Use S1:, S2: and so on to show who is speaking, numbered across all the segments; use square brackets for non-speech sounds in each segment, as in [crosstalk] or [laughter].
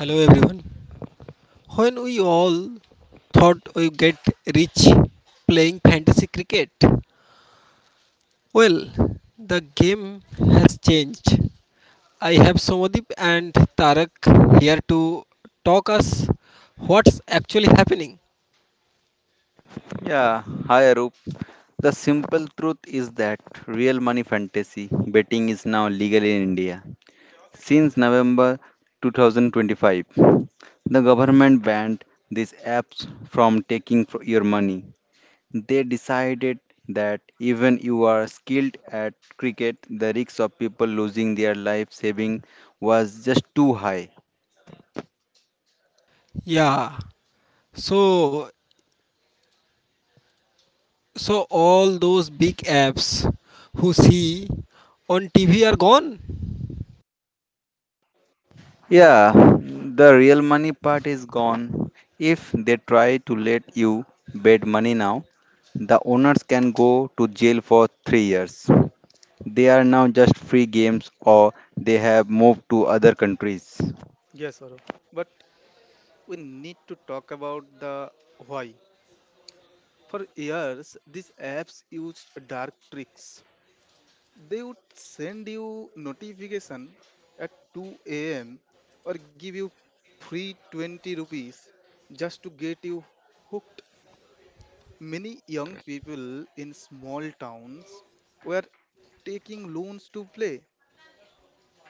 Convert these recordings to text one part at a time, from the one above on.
S1: Hello everyone. When we all thought we get rich playing fantasy cricket, well, the game has changed. I have Somadip and Tarak here to talk us what's actually happening.
S2: Yeah, hi Arup. The simple truth is that real money fantasy betting is now legal in India. Since November 2025, the government banned these apps from taking your money. They decided that even you are skilled at cricket, the risk of people losing their life saving was just too high.
S1: Yeah. So so all those big apps who see on TV are gone.
S3: Yeah,
S2: Yeah, the real money part is gone. If they try to let you bet money now, the owners can go to jail for 3 years. They are now just free games or they have moved to other countries.
S3: yes, Saurav. But we need to talk about the why. For years, these apps used dark tricks. They would send you notification at 2 a.m. or give you free 20 rupees just to get you hooked. Many young people in small towns were taking loans to play.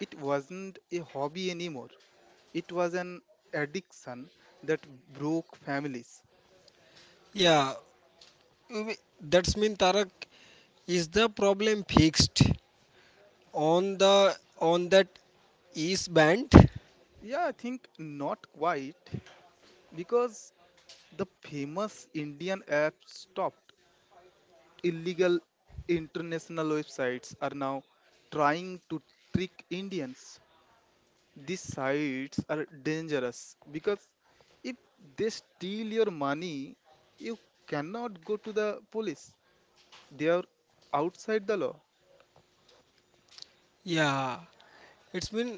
S3: It wasn't a hobby anymore. It was an addiction that broke families.
S1: Yeah. we- That's mean Tarak, is the problem fixed? On that east band,
S3: Yeah, I think not quite, because the famous Indian app stopped. Illegal international websites are now trying to trick Indians. These sites are dangerous because if they steal your money, you cannot go to the police. They are outside the law.
S1: yeah, it's been.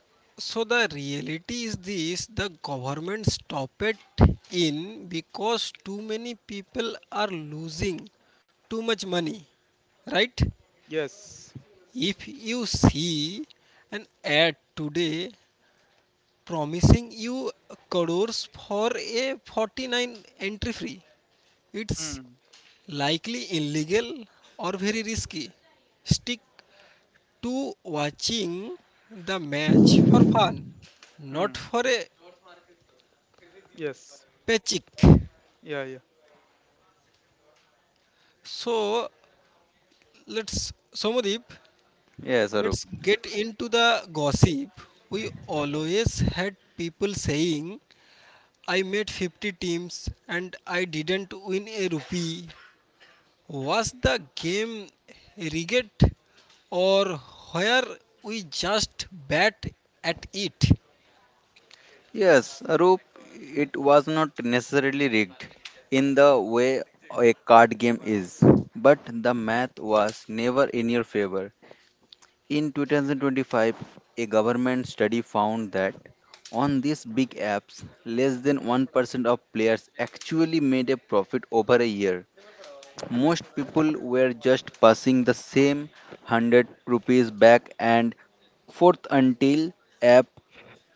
S1: So the reality is this, the government stop it in because too many people are losing too much money, right?
S3: Yes.
S1: If you see an ad today promising you crores for a 49 entry free. It's
S3: Hmm.
S1: likely illegal or very risky. Stick to watching the match for fun, not
S3: Mm.
S1: for a
S3: Yes.
S1: paycheck.
S3: Yeah, yeah.
S1: So let's Somadip,
S2: Yes, Arup.
S1: let's get into the gossip. We always had people saying I made 50 teams and I didn't win a rupee. Was the game rigged or where we just bad at it?
S2: Yes, Arup, it was not necessarily rigged in the way a card game is, but the math was never in your favor. In 2025, a government study found that on these big apps, less than 1% of players actually made a profit over a year. Most people were just passing the same 100 rupees back and forth until app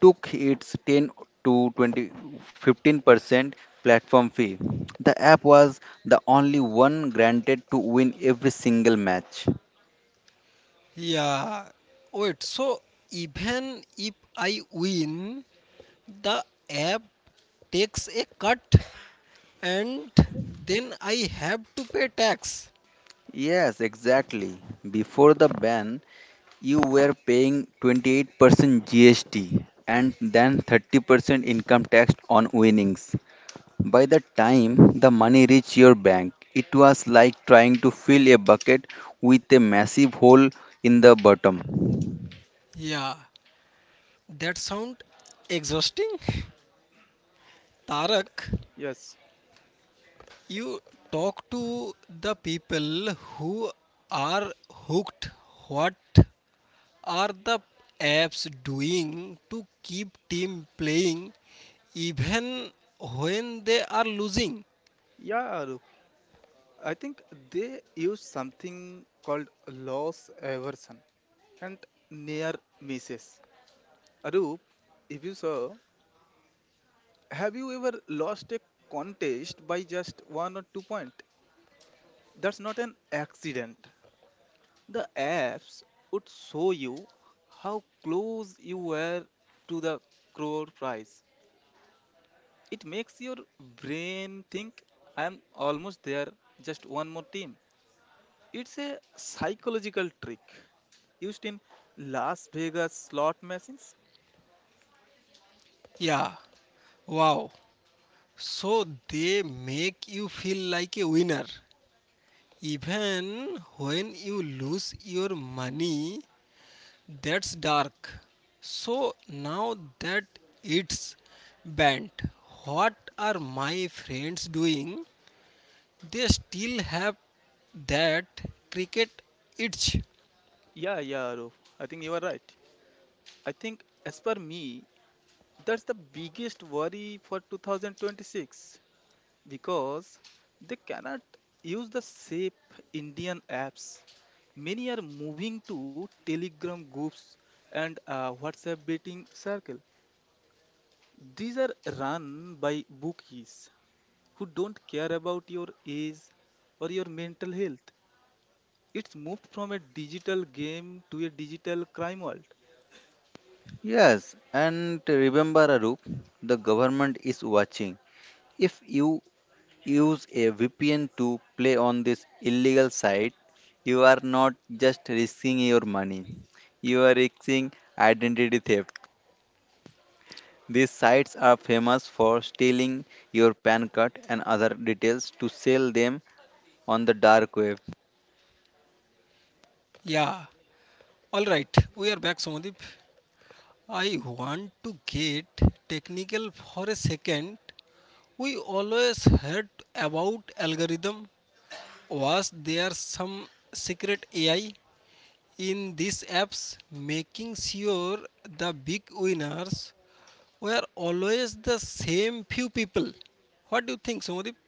S2: took its 10 to 20 15% platform fee. The app was the only one granted to win every single match.
S1: Yeah. Wait, so even if I win, the app takes a cut and then I have to pay tax.
S2: Yes, exactly. Before the ban, you were paying 28% GST and then 30% income tax on winnings. By the time the money reached your bank, it was like trying to fill a bucket with a massive hole in the bottom.
S1: Yeah, that sound exhausting. [laughs] Tarak,
S3: Yes.
S1: you talk to the people who are hooked. What are the apps doing to keep team playing even when they are losing?
S3: Yeah, Arup. I think they use something called loss aversion and near misses. Arup, if you saw, have you ever lost a contest by just one or two point? That's not an accident. The apps would show you how close you were to the crore prize. It makes your brain think I'm almost there, just one more team. It's a psychological trick used in Las Vegas slot machines.
S1: Yeah. Wow. So they make you feel like a winner even when you lose your money. That's dark. So now that it's banned, what are my friends doing? They still have that cricket itch.
S3: Yeah, yeah, Arup. I think you are right. I think, as per me, that's the biggest worry for 2026 because they cannot use the safe Indian apps. Many are moving to Telegram groups and WhatsApp betting circle. These are run by bookies who don't care about your age or your mental health. It's moved from a digital game to a digital crime world.
S2: Yes, and remember, Arup, the government is watching. If you use a VPN to play on this illegal site, you are not just risking your money, you are risking identity theft. These sites are famous for stealing your PAN card and other details to sell them on the dark web.
S1: Yeah, all right, we are back, Somadip. I want to get technical for a second. We always heard about algorithm. Was there some secret AI in these apps making sure the big winners were always the same few people? What do you think, Somadip?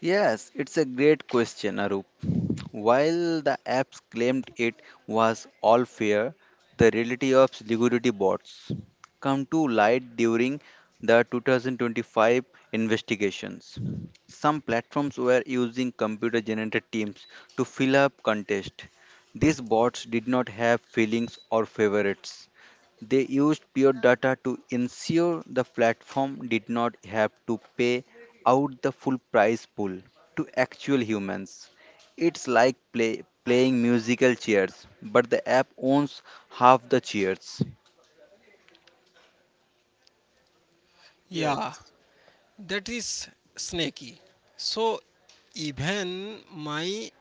S2: Yes, it's a great question, Arup. While the apps claimed it was all fair, the reality of security bots come to light during the 2025 investigations. Some platforms were using computer generated teams to fill up contests. These bots did not have feelings or favorites. They used pure data to ensure the platform did not have to pay out the full prize pool to actual humans. It's like playing musical chairs, but the app owns half the chairs.
S1: Yeah,
S3: Yes.
S1: that is snaky. So even my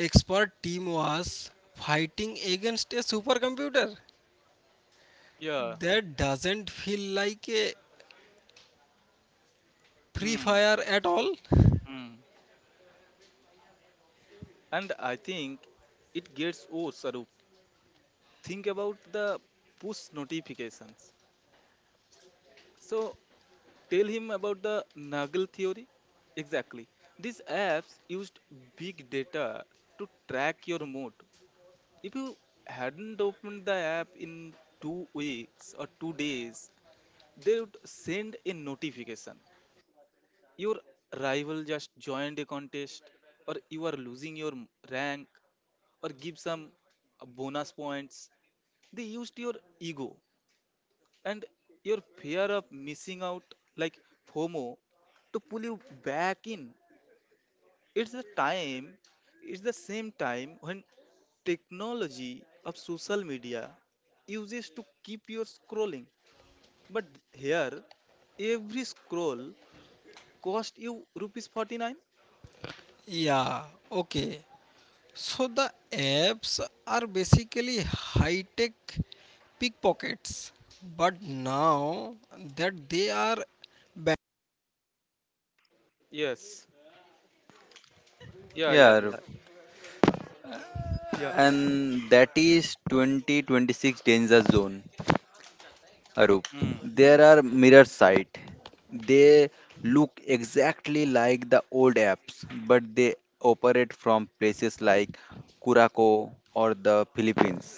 S1: Expert team was fighting against a supercomputer
S3: Yeah.
S1: that doesn't feel like a free
S3: Hmm.
S1: fire at all.
S3: Hmm. And I think it gets worse, Arup. Think about the push notifications. So tell him about the Nagel theory. Exactly. These apps used big data to track your mood. If you hadn't opened the app in 2 weeks or 2 days, they would send a notification. Your rival just joined a contest, or you are losing your rank, or give some bonus points. They used your ego and your fear of missing out, like FOMO, to pull you back in. It's the time, it's the same time when technology of social media uses to keep you scrolling. But here, every scroll cost you rupees 49.
S1: Yeah, okay. So the apps are basically high tech pickpockets, but now that they are banned.
S3: Yes. Yeah, yeah,
S2: Yeah, Arup,
S3: yeah. Yeah.
S2: and that is 2026 danger zone. Arup,
S3: Mm-hmm.
S2: there are mirror site. They look exactly like the old apps, but they operate from places like Curacao or the Philippines.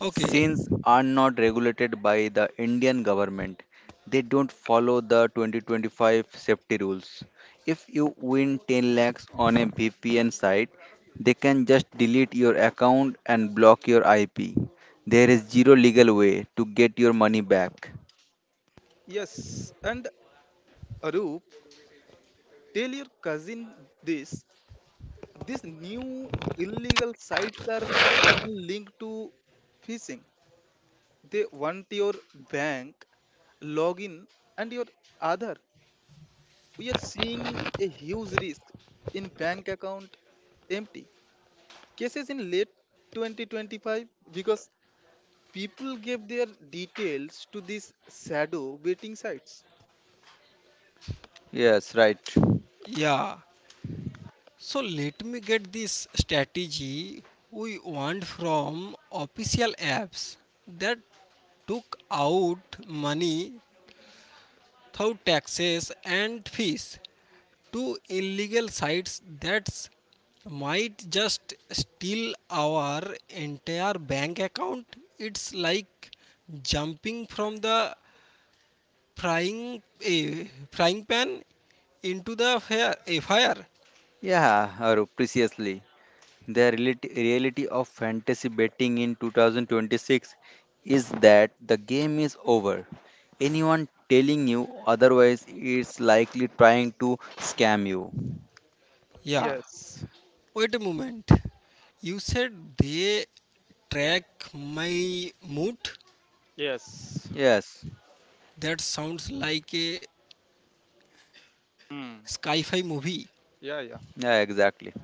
S1: Okay,
S2: Since are not regulated by the Indian government. They don't follow the 2025 safety rules. If you win 10 lakhs on a VPN site, they can just delete your account and block your IP. There is zero legal way to get your money back.
S3: Yes. And Arup, tell your cousin this. These new illegal sites are often linked to phishing. They want your bank login and your other. We are seeing a huge risk in bank account empty cases in late 2025 because people gave their details to these shadow betting sites.
S2: Yes, right.
S1: yeah. So let me get this strategy, we want from official apps that took out money through taxes and fees to illegal sites that might just steal our entire bank account. It's like jumping from the frying pan into the fire.
S2: Yeah, Arup, preciously. The reality of fantasy betting in 2026 is that the game is over. Anyone telling you otherwise is likely trying to scam you.
S1: Yeah.
S3: Yes.
S1: Wait a moment. You said they track my mood?
S3: Yes.
S2: Yes,
S1: That sounds like a
S3: Hmm.
S1: sci fi movie.
S3: Yeah, yeah.
S2: yeah, exactly.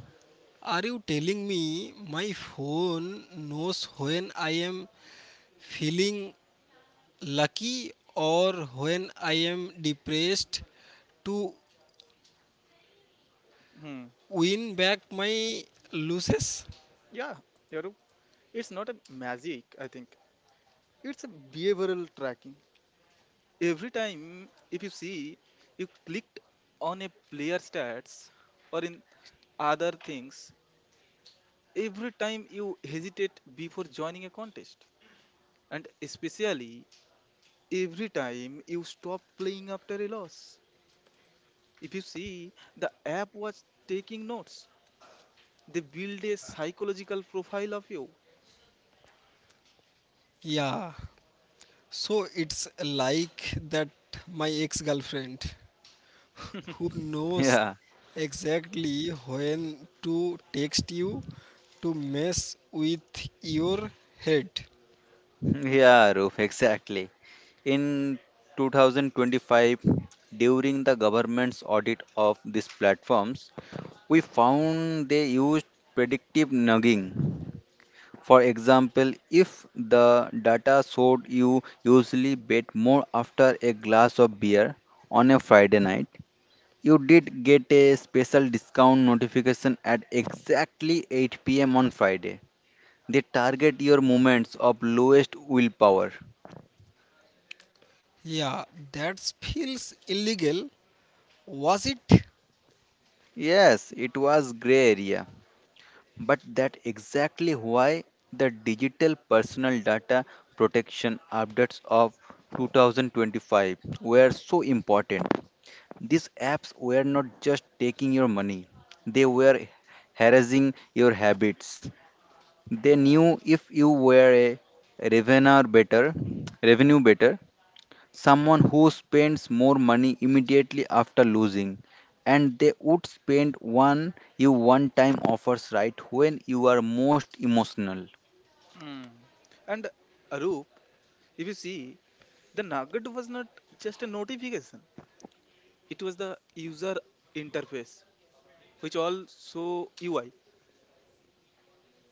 S1: Are you telling me my phone knows when I am feeling lucky or when I am depressed to
S3: Hmm.
S1: win back my losses?
S3: Yeah, Yaru. It's not a magic, I think. It's a behavioral tracking. Every time, if you see, you clicked on a player stats or in other things, every time you hesitate before joining a contest, and especially every time you stopped playing after a loss. If you see, the app was taking notes, they build a psychological profile of you.
S1: Yeah. So it's like that my ex girlfriend. Who knows
S2: Yeah,
S1: exactly when to text you to mess with your head.
S2: [laughs] yeah, Roof, exactly. In 2025, during the government's audit of these platforms, we found they used predictive nudging. For example, if the data showed you usually bet more after a glass of beer on a Friday night, you did get a special discount notification at exactly 8 p.m. on Friday. They target your moments of lowest willpower.
S1: Yeah, that feels illegal, was it?
S2: Yes, it was gray area, but that exactly why the digital personal data protection updates of 2025 were so important. These apps were not just taking your money, they were harassing your habits. They knew if you were a revenue better, revenue better, someone who spends more money immediately after losing, and they would spend one time offers right when you are most emotional.
S3: Hmm. And Arup, if you see, the nugget was not just a notification. It was the user interface, which also UI.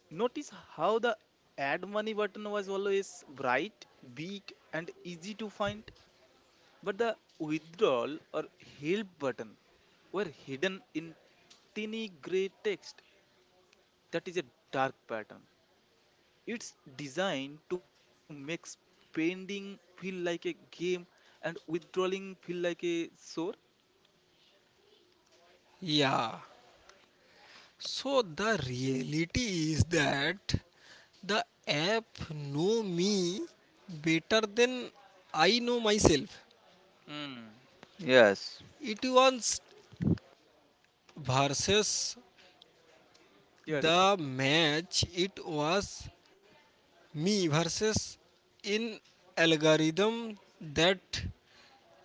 S3: Notice how the add money button was always bright, big, and easy to find, but the withdrawal or help button were hidden in tiny gray text. That is a dark pattern. It's designed to make spending feel like a game and withdrawing feel like a sore.
S1: Yeah. So the reality is that the app know me better than I know myself.
S3: Hmm.
S2: Yes.
S1: It was versus
S3: Yes,
S1: the match. It was me versus in algorithm that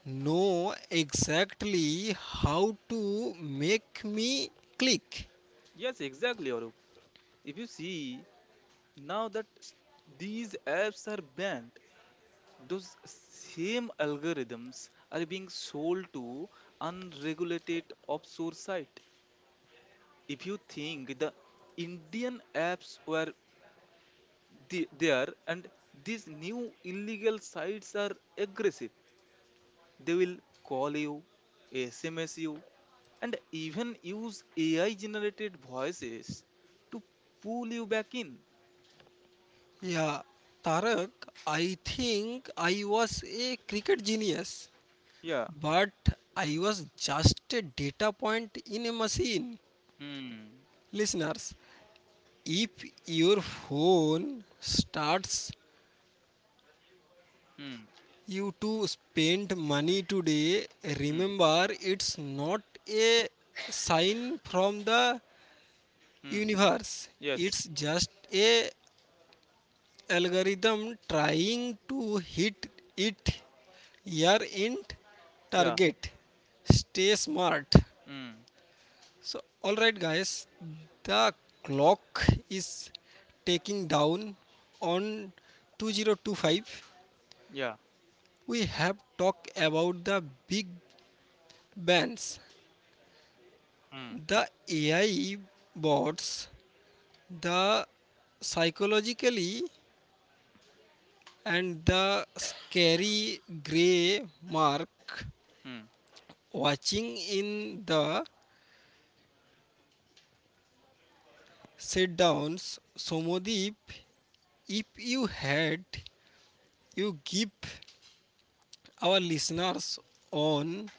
S1: know exactly how to make me click.
S3: yes, exactly, Arup. If you see now that these apps are banned, those same algorithms are being sold to unregulated offshore site. If you think the Indian apps were there, and these new illegal sites are aggressive, they will call you, SMS you, and even use AI generated voices to pull you back in.
S1: Yeah, Tarak, I think I was a cricket genius,
S3: Yeah.
S1: but I was just a data point in a machine.
S3: Hmm.
S1: Listeners, if your phone starts
S3: Hmm.
S1: you to spend money today.
S3: Mm.
S1: Remember, it's not a sign from the
S3: Mm.
S1: universe.
S3: Yes.
S1: It's just a algorithm trying to hit it your end
S3: Yeah.
S1: target. Stay smart.
S3: Mm.
S1: So all right guys, the clock is taking down on 2025.
S3: Yeah.
S1: We have talked about the big bands,
S3: Mm.
S1: the AI bots, the psychologically and the scary gray mark
S3: Mm.
S1: watching in the sit downs. Somodeep, if you had, you give our listeners on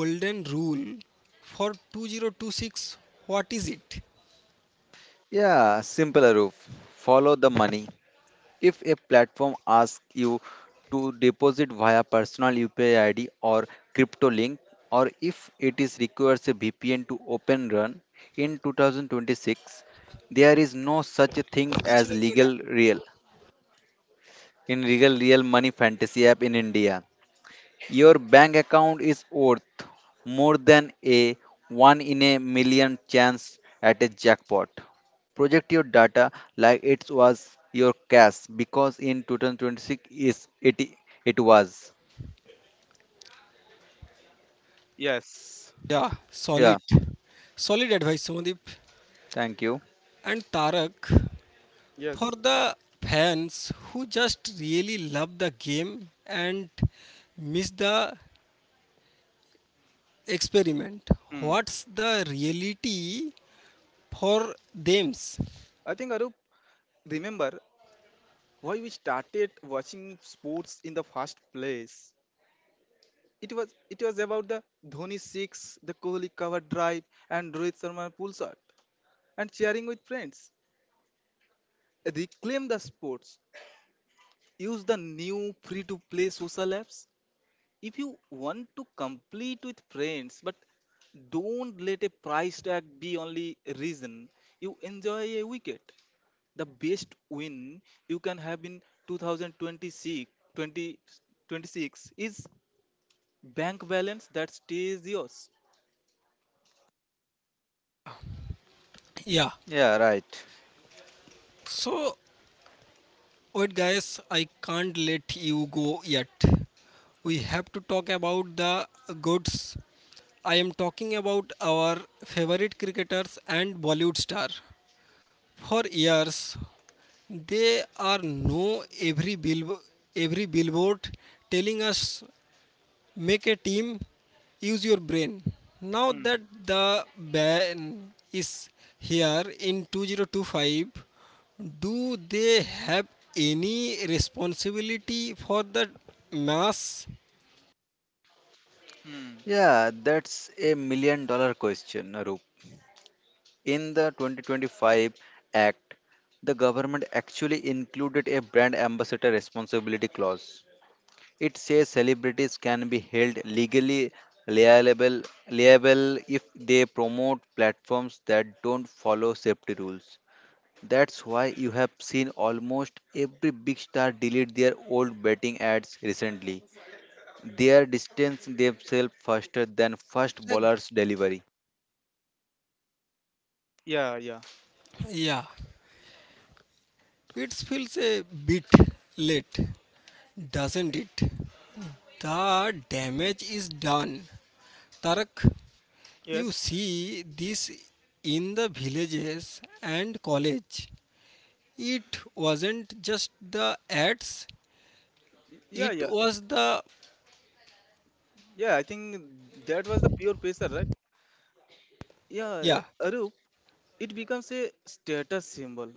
S1: golden rule for 2026. What is it?
S2: Yeah, simple roof. Follow the money. If a platform asks you to deposit via personal UPI ID or crypto link, or if it is requires a VPN to open run in 2026, there is no such things
S1: কি
S2: as
S1: ছিল কি ওটা?
S2: legal real money fantasy app in India. Your bank account is worth more than a one in a million chance at a jackpot. Project your data like it was your cash because in 2026 is it it was.
S3: Yes.
S1: Yeah,
S2: Yeah,
S1: solid. Solid advice, Somadeep.
S2: thank you.
S1: And Tarak,
S3: Yes.
S1: for the fans who just really love the game and miss the experiment,
S3: Mm.
S1: what's the reality for them?
S3: I think Arup, remember why we started watching sports in the first place. It was it was about the Dhoni six, the Kohli cover drive, and Rohit Sharma pull shot, and sharing with friends. Reclaim the sports. Use the new free to play social apps. If you want to complete with friends, but don't let a price tag be only reason you enjoy a wicket. The best win you can have in 2026 is bank balance that stays yours.
S1: Yeah.
S2: Yeah, right.
S1: So, wait, guys, I can't let you go yet. We have to talk about the goods. I am talking about our favorite cricketers and Bollywood star. For years, there are no every bill, every billboard telling us make a team, use your brain. Now
S3: Hmm.
S1: that the ban is here in 2025, do they have any responsibility for the mass?
S3: Hmm.
S2: Yeah, that's a million dollar question, Arup. In the 2025 Act, the government actually included a brand ambassador responsibility clause. It says celebrities can be held legally liable, liable if they promote platforms that don't follow safety rules. That's why you have seen almost every big star delete their old betting ads recently. They are distancing themselves faster than first
S1: Like,
S2: bowler's delivery.
S3: Yeah, yeah.
S1: yeah, it feels a bit late, doesn't it? The damage is done. Tarak, you
S3: Yes.
S1: see this in the villages and college. It wasn't just the ads,
S3: Yeah,
S1: it
S3: yeah.
S1: was the.
S3: Yeah, I think that was the pure pressure, right? Yeah,
S1: Yeah,
S3: Arup, it becomes a status symbol.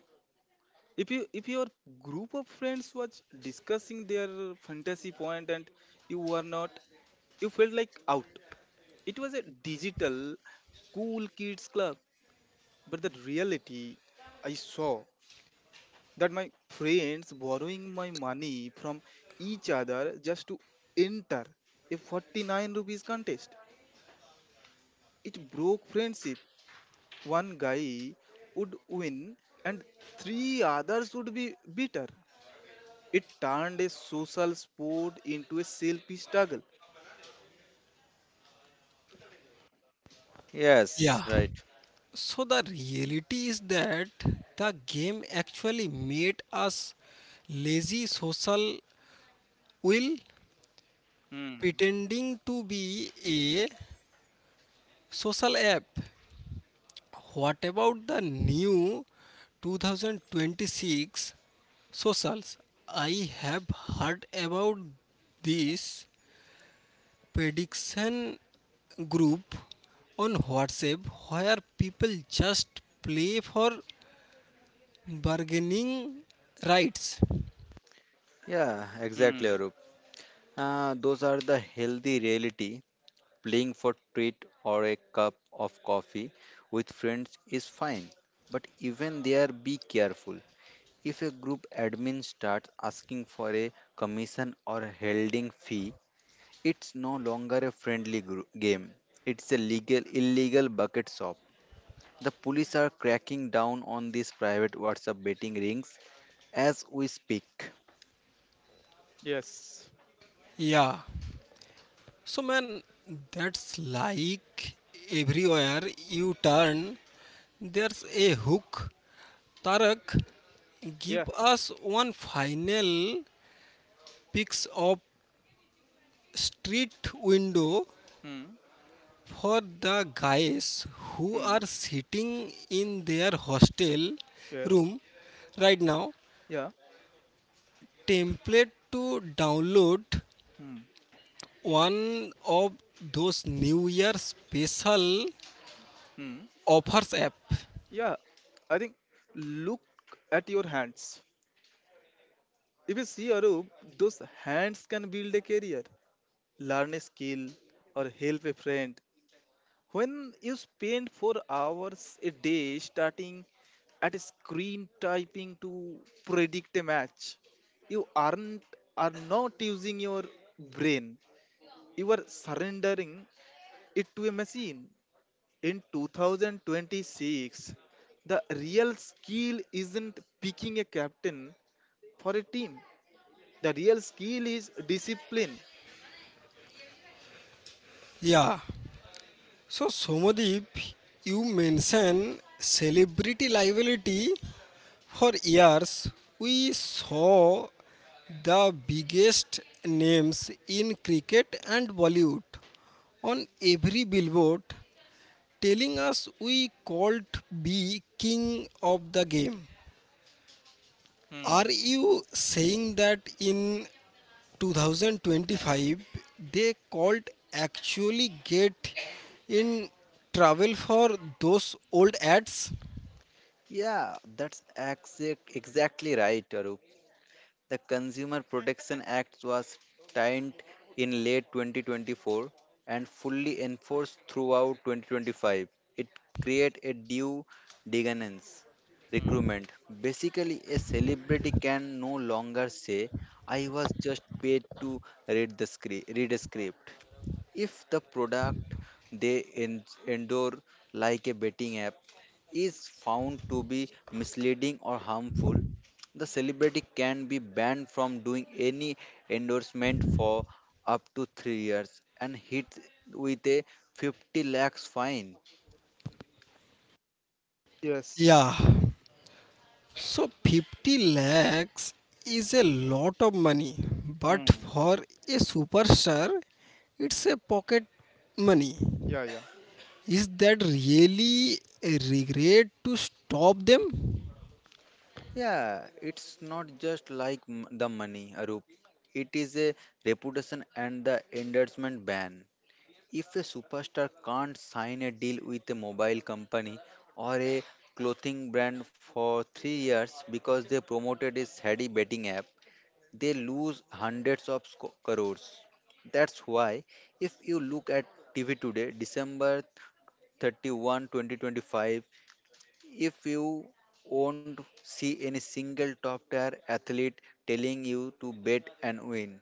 S3: If your group of friends was discussing their fantasy point, and you were not, you felt like out. It was a digital cool kids club. But the reality I saw, that my friends borrowing my money from each other just to enter a 49 rupees contest, it broke friendship. One guy would win and three others would be bitter. It turned a social sport into a selfish struggle.
S2: Yes,
S1: yeah.
S2: right.
S1: So the reality is that the game actually made us lazy social will
S3: Hmm.
S1: pretending to be a social app. What about the new 2026 socials? I have heard about this prediction group on WhatsApp where people just play for bargaining rights.
S2: Yeah, exactly, Arup. Those are the healthy reality. Playing for treat or a cup of coffee with friends is fine, but even there be careful. If a group admin starts asking for a commission or a holding fee, it's no longer a friendly group game. It's a legal illegal bucket shop. The police are cracking down on these private WhatsApp betting rings as we speak.
S3: Yes.
S1: Yeah. So man, that's like everywhere you turn, there's a hook. Tarak,
S3: Yeah.
S1: give us one final pics of street window
S3: Hmm.
S1: for the guys who
S3: Hmm.
S1: are sitting in their hostel
S3: Yes.
S1: room right now.
S3: Yeah.
S1: Template to download
S3: Hmm.
S1: one of those New Year special
S3: Hmm.
S1: offers app.
S3: Yeah, I think look at your hands. If you see Arup, those hands can build a career, learn a skill, or help a friend. When you spend 4 hours a day starting at a screen typing to predict a match, you aren't are not using your brain. You are surrendering it to a machine. In 2026, the real skill isn't picking a captain for a team. The real skill is discipline.
S1: Yeah. So, Somadeep, you mention celebrity liability. For years, we saw the biggest names in cricket and Bollywood on every billboard telling us we called be king of the game.
S3: Hmm.
S1: Are you saying that in 2025 they called actually get in travel for those old ads?
S2: Yeah, that's exactly right, Arup. The Consumer Protection Act was signed in late 2024 and fully enforced throughout 2025. It creates a due diligence requirement. Basically, a celebrity can no longer say, "I was just paid to read the script." Read a script. If the product they endure, like a betting app, is found to be misleading or harmful, the celebrity can be banned from doing any endorsement for up to 3 years and hit with a 50 lakhs fine.
S3: Yes.
S1: Yeah. So 50 lakhs is a lot of money, but
S3: Hmm.
S1: for a superstar, it's a pocket money.
S3: Yeah, yeah.
S1: Is that really a regret to stop them?
S2: Yeah, it's not just like the money, Arup. It is a reputation and the endorsement ban. If a superstar can't sign a deal with a mobile company or a clothing brand for 3 years because they promoted a shady betting app, they lose hundreds of crores. That's why, if you look at TV today, December 31, 2025, if you won't see any single top tier athlete telling you to bet and win,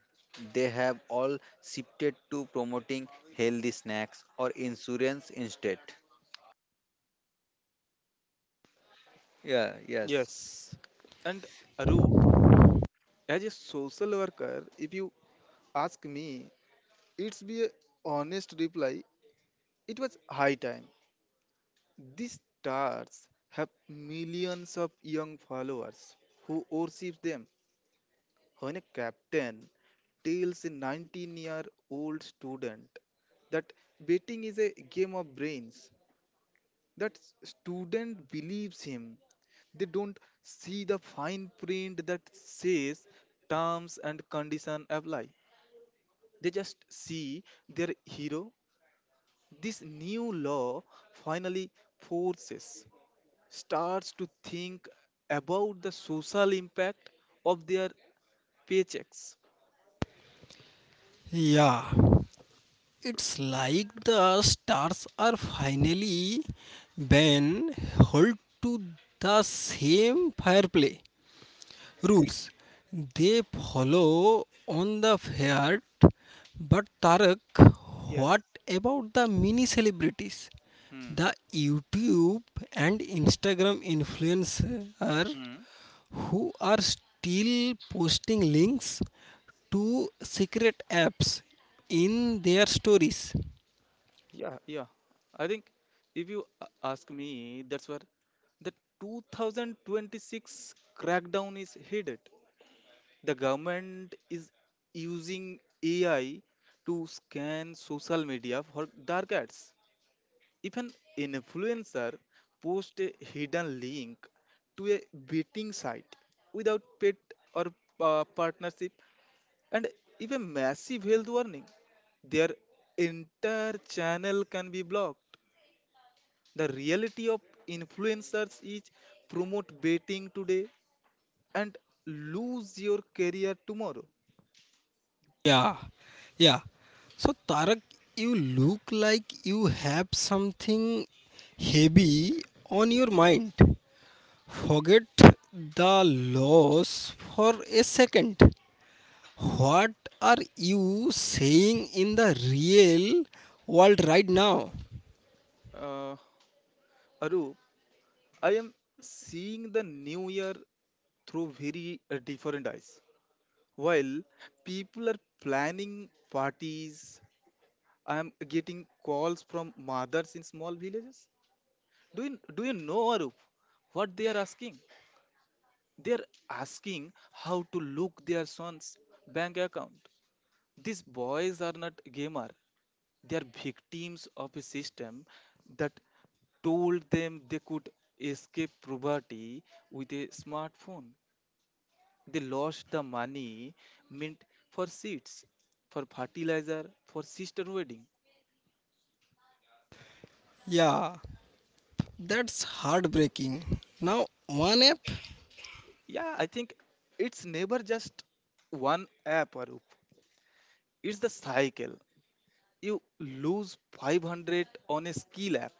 S2: they have all shifted to promoting healthy snacks or insurance instead. Yeah, yes.
S3: Yes. And Arup, as a social worker, if you ask me, it's be a honest reply. It was high time. These stars have millions of young followers who worship them. When a captain tells a 19-year-old student that betting is a game of brains, that student believes him. They don't see the fine print that says terms and condition apply. They just see their hero. This new law finally forces starts to think about the social impact of their paychecks.
S1: Yeah. It's like the stars are finally been held to the same fireplay rules they follow on the fiat. But Tarak,
S3: Yes.
S1: what about the mini celebrities? The
S3: Hmm.
S1: YouTube and Instagram influencer
S3: Hmm.
S1: who are still posting links to secret apps in their stories.
S3: Yeah, yeah. I think if you ask me, that's where the 2026 crackdown is headed. The government is using AI to scan social media for dark ads. If an influencer posts a hidden link to a betting site without paid or partnership, and if a massive health warning, their entire channel can be blocked. The reality of influencers is promote betting today and lose your career tomorrow.
S1: Yeah, yeah. So, Tarak, you look like you have something heavy on your mind. Forget the loss for a second. What are you saying in the real world right now?
S3: Uh, Arup, I am seeing the new year through very different eyes. While people are planning parties, I am getting calls from mothers in small villages. Do you know, Arup, what they are asking? They are asking how to look their son's bank account. These boys are not gamer. They are victims of a system that told them they could escape poverty with a smartphone. They lost the money meant for seats, for fertilizer, for sister wedding.
S1: Yeah, that's heartbreaking. Now, one app?
S3: Yeah, I think it's never just one app, Arup. It's the cycle. You lose 500 on a skill app.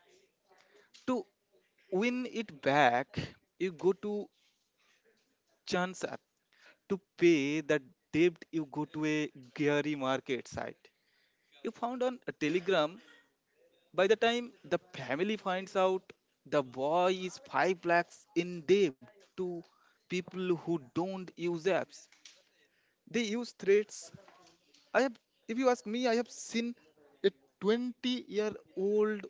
S3: To win it back, you go to chance app. To pay the debt, you go to a geary market site. You found on a Telegram. By the time the family finds out, the boy is 5 lakhs in debt to people who don't use apps. They use threats. I have, if you ask me, I have seen a 20-year-old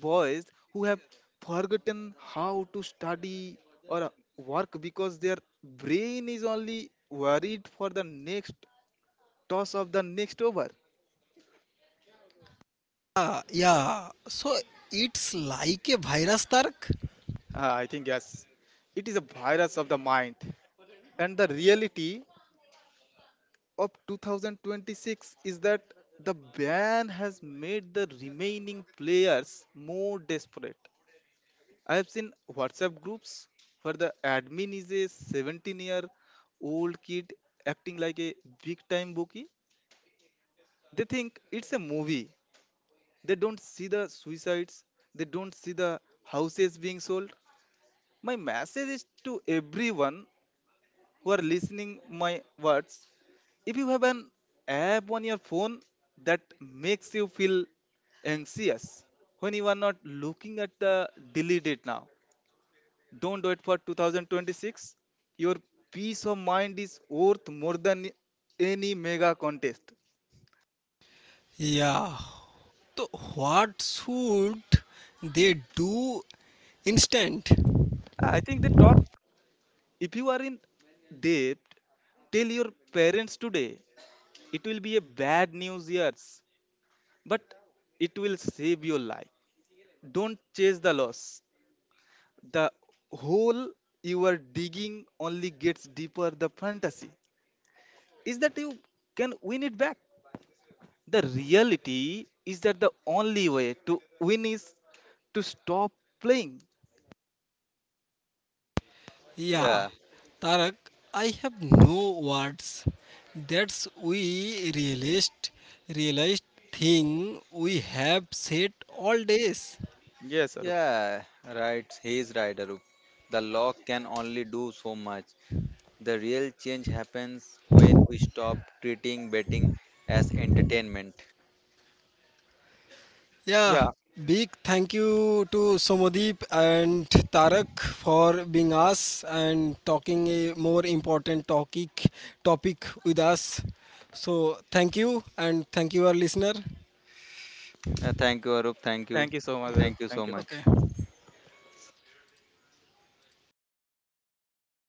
S3: boys who have forgotten how to study or work because their brain is only worried for the next toss of the next over.
S1: Yeah, yeah. So, it's like a virus, Tarak?
S3: I think yes. It is a virus of the mind. And the reality of 2026 is that the ban has made the remaining players more desperate. I have seen WhatsApp groups where the admin is a 17-year-old kid acting like a big time bookie. They think it's a movie. They don't see the suicides, they don't see the houses being sold. My message is to everyone who are listening my words: if you have an app on your phone that makes you feel anxious when you are not looking at the, delete it now. Don't do it for 2026. Your peace of mind is worth more than any mega contest.
S1: Yeah, so what should they do instant?
S3: I think they talk. If you are in debt, tell your parents today. It will be a bad news years, but it will save your life. Don't chase the loss. The hole you are digging only gets deeper. The fantasy is that you can win it back. The reality is that the only way to win is to stop playing.
S2: Yeah,
S1: Yeah, Tarak, I have no words. That's we realized thing we have said all days.
S3: Yes, Arup.
S2: yeah, right. He's right, Arup. The law can only do so much. The real change happens when we stop treating betting as entertainment.
S1: Yeah,
S3: Yeah,
S1: big thank you to Somadeep and Tarak for being us and talking a more important topic with us. So thank you and thank you our listener.
S2: Thank you, Arup. Thank you.
S3: thank you so much,
S2: Thank
S3: Arup.
S2: you so
S3: Thank you.
S2: much.
S1: Okay.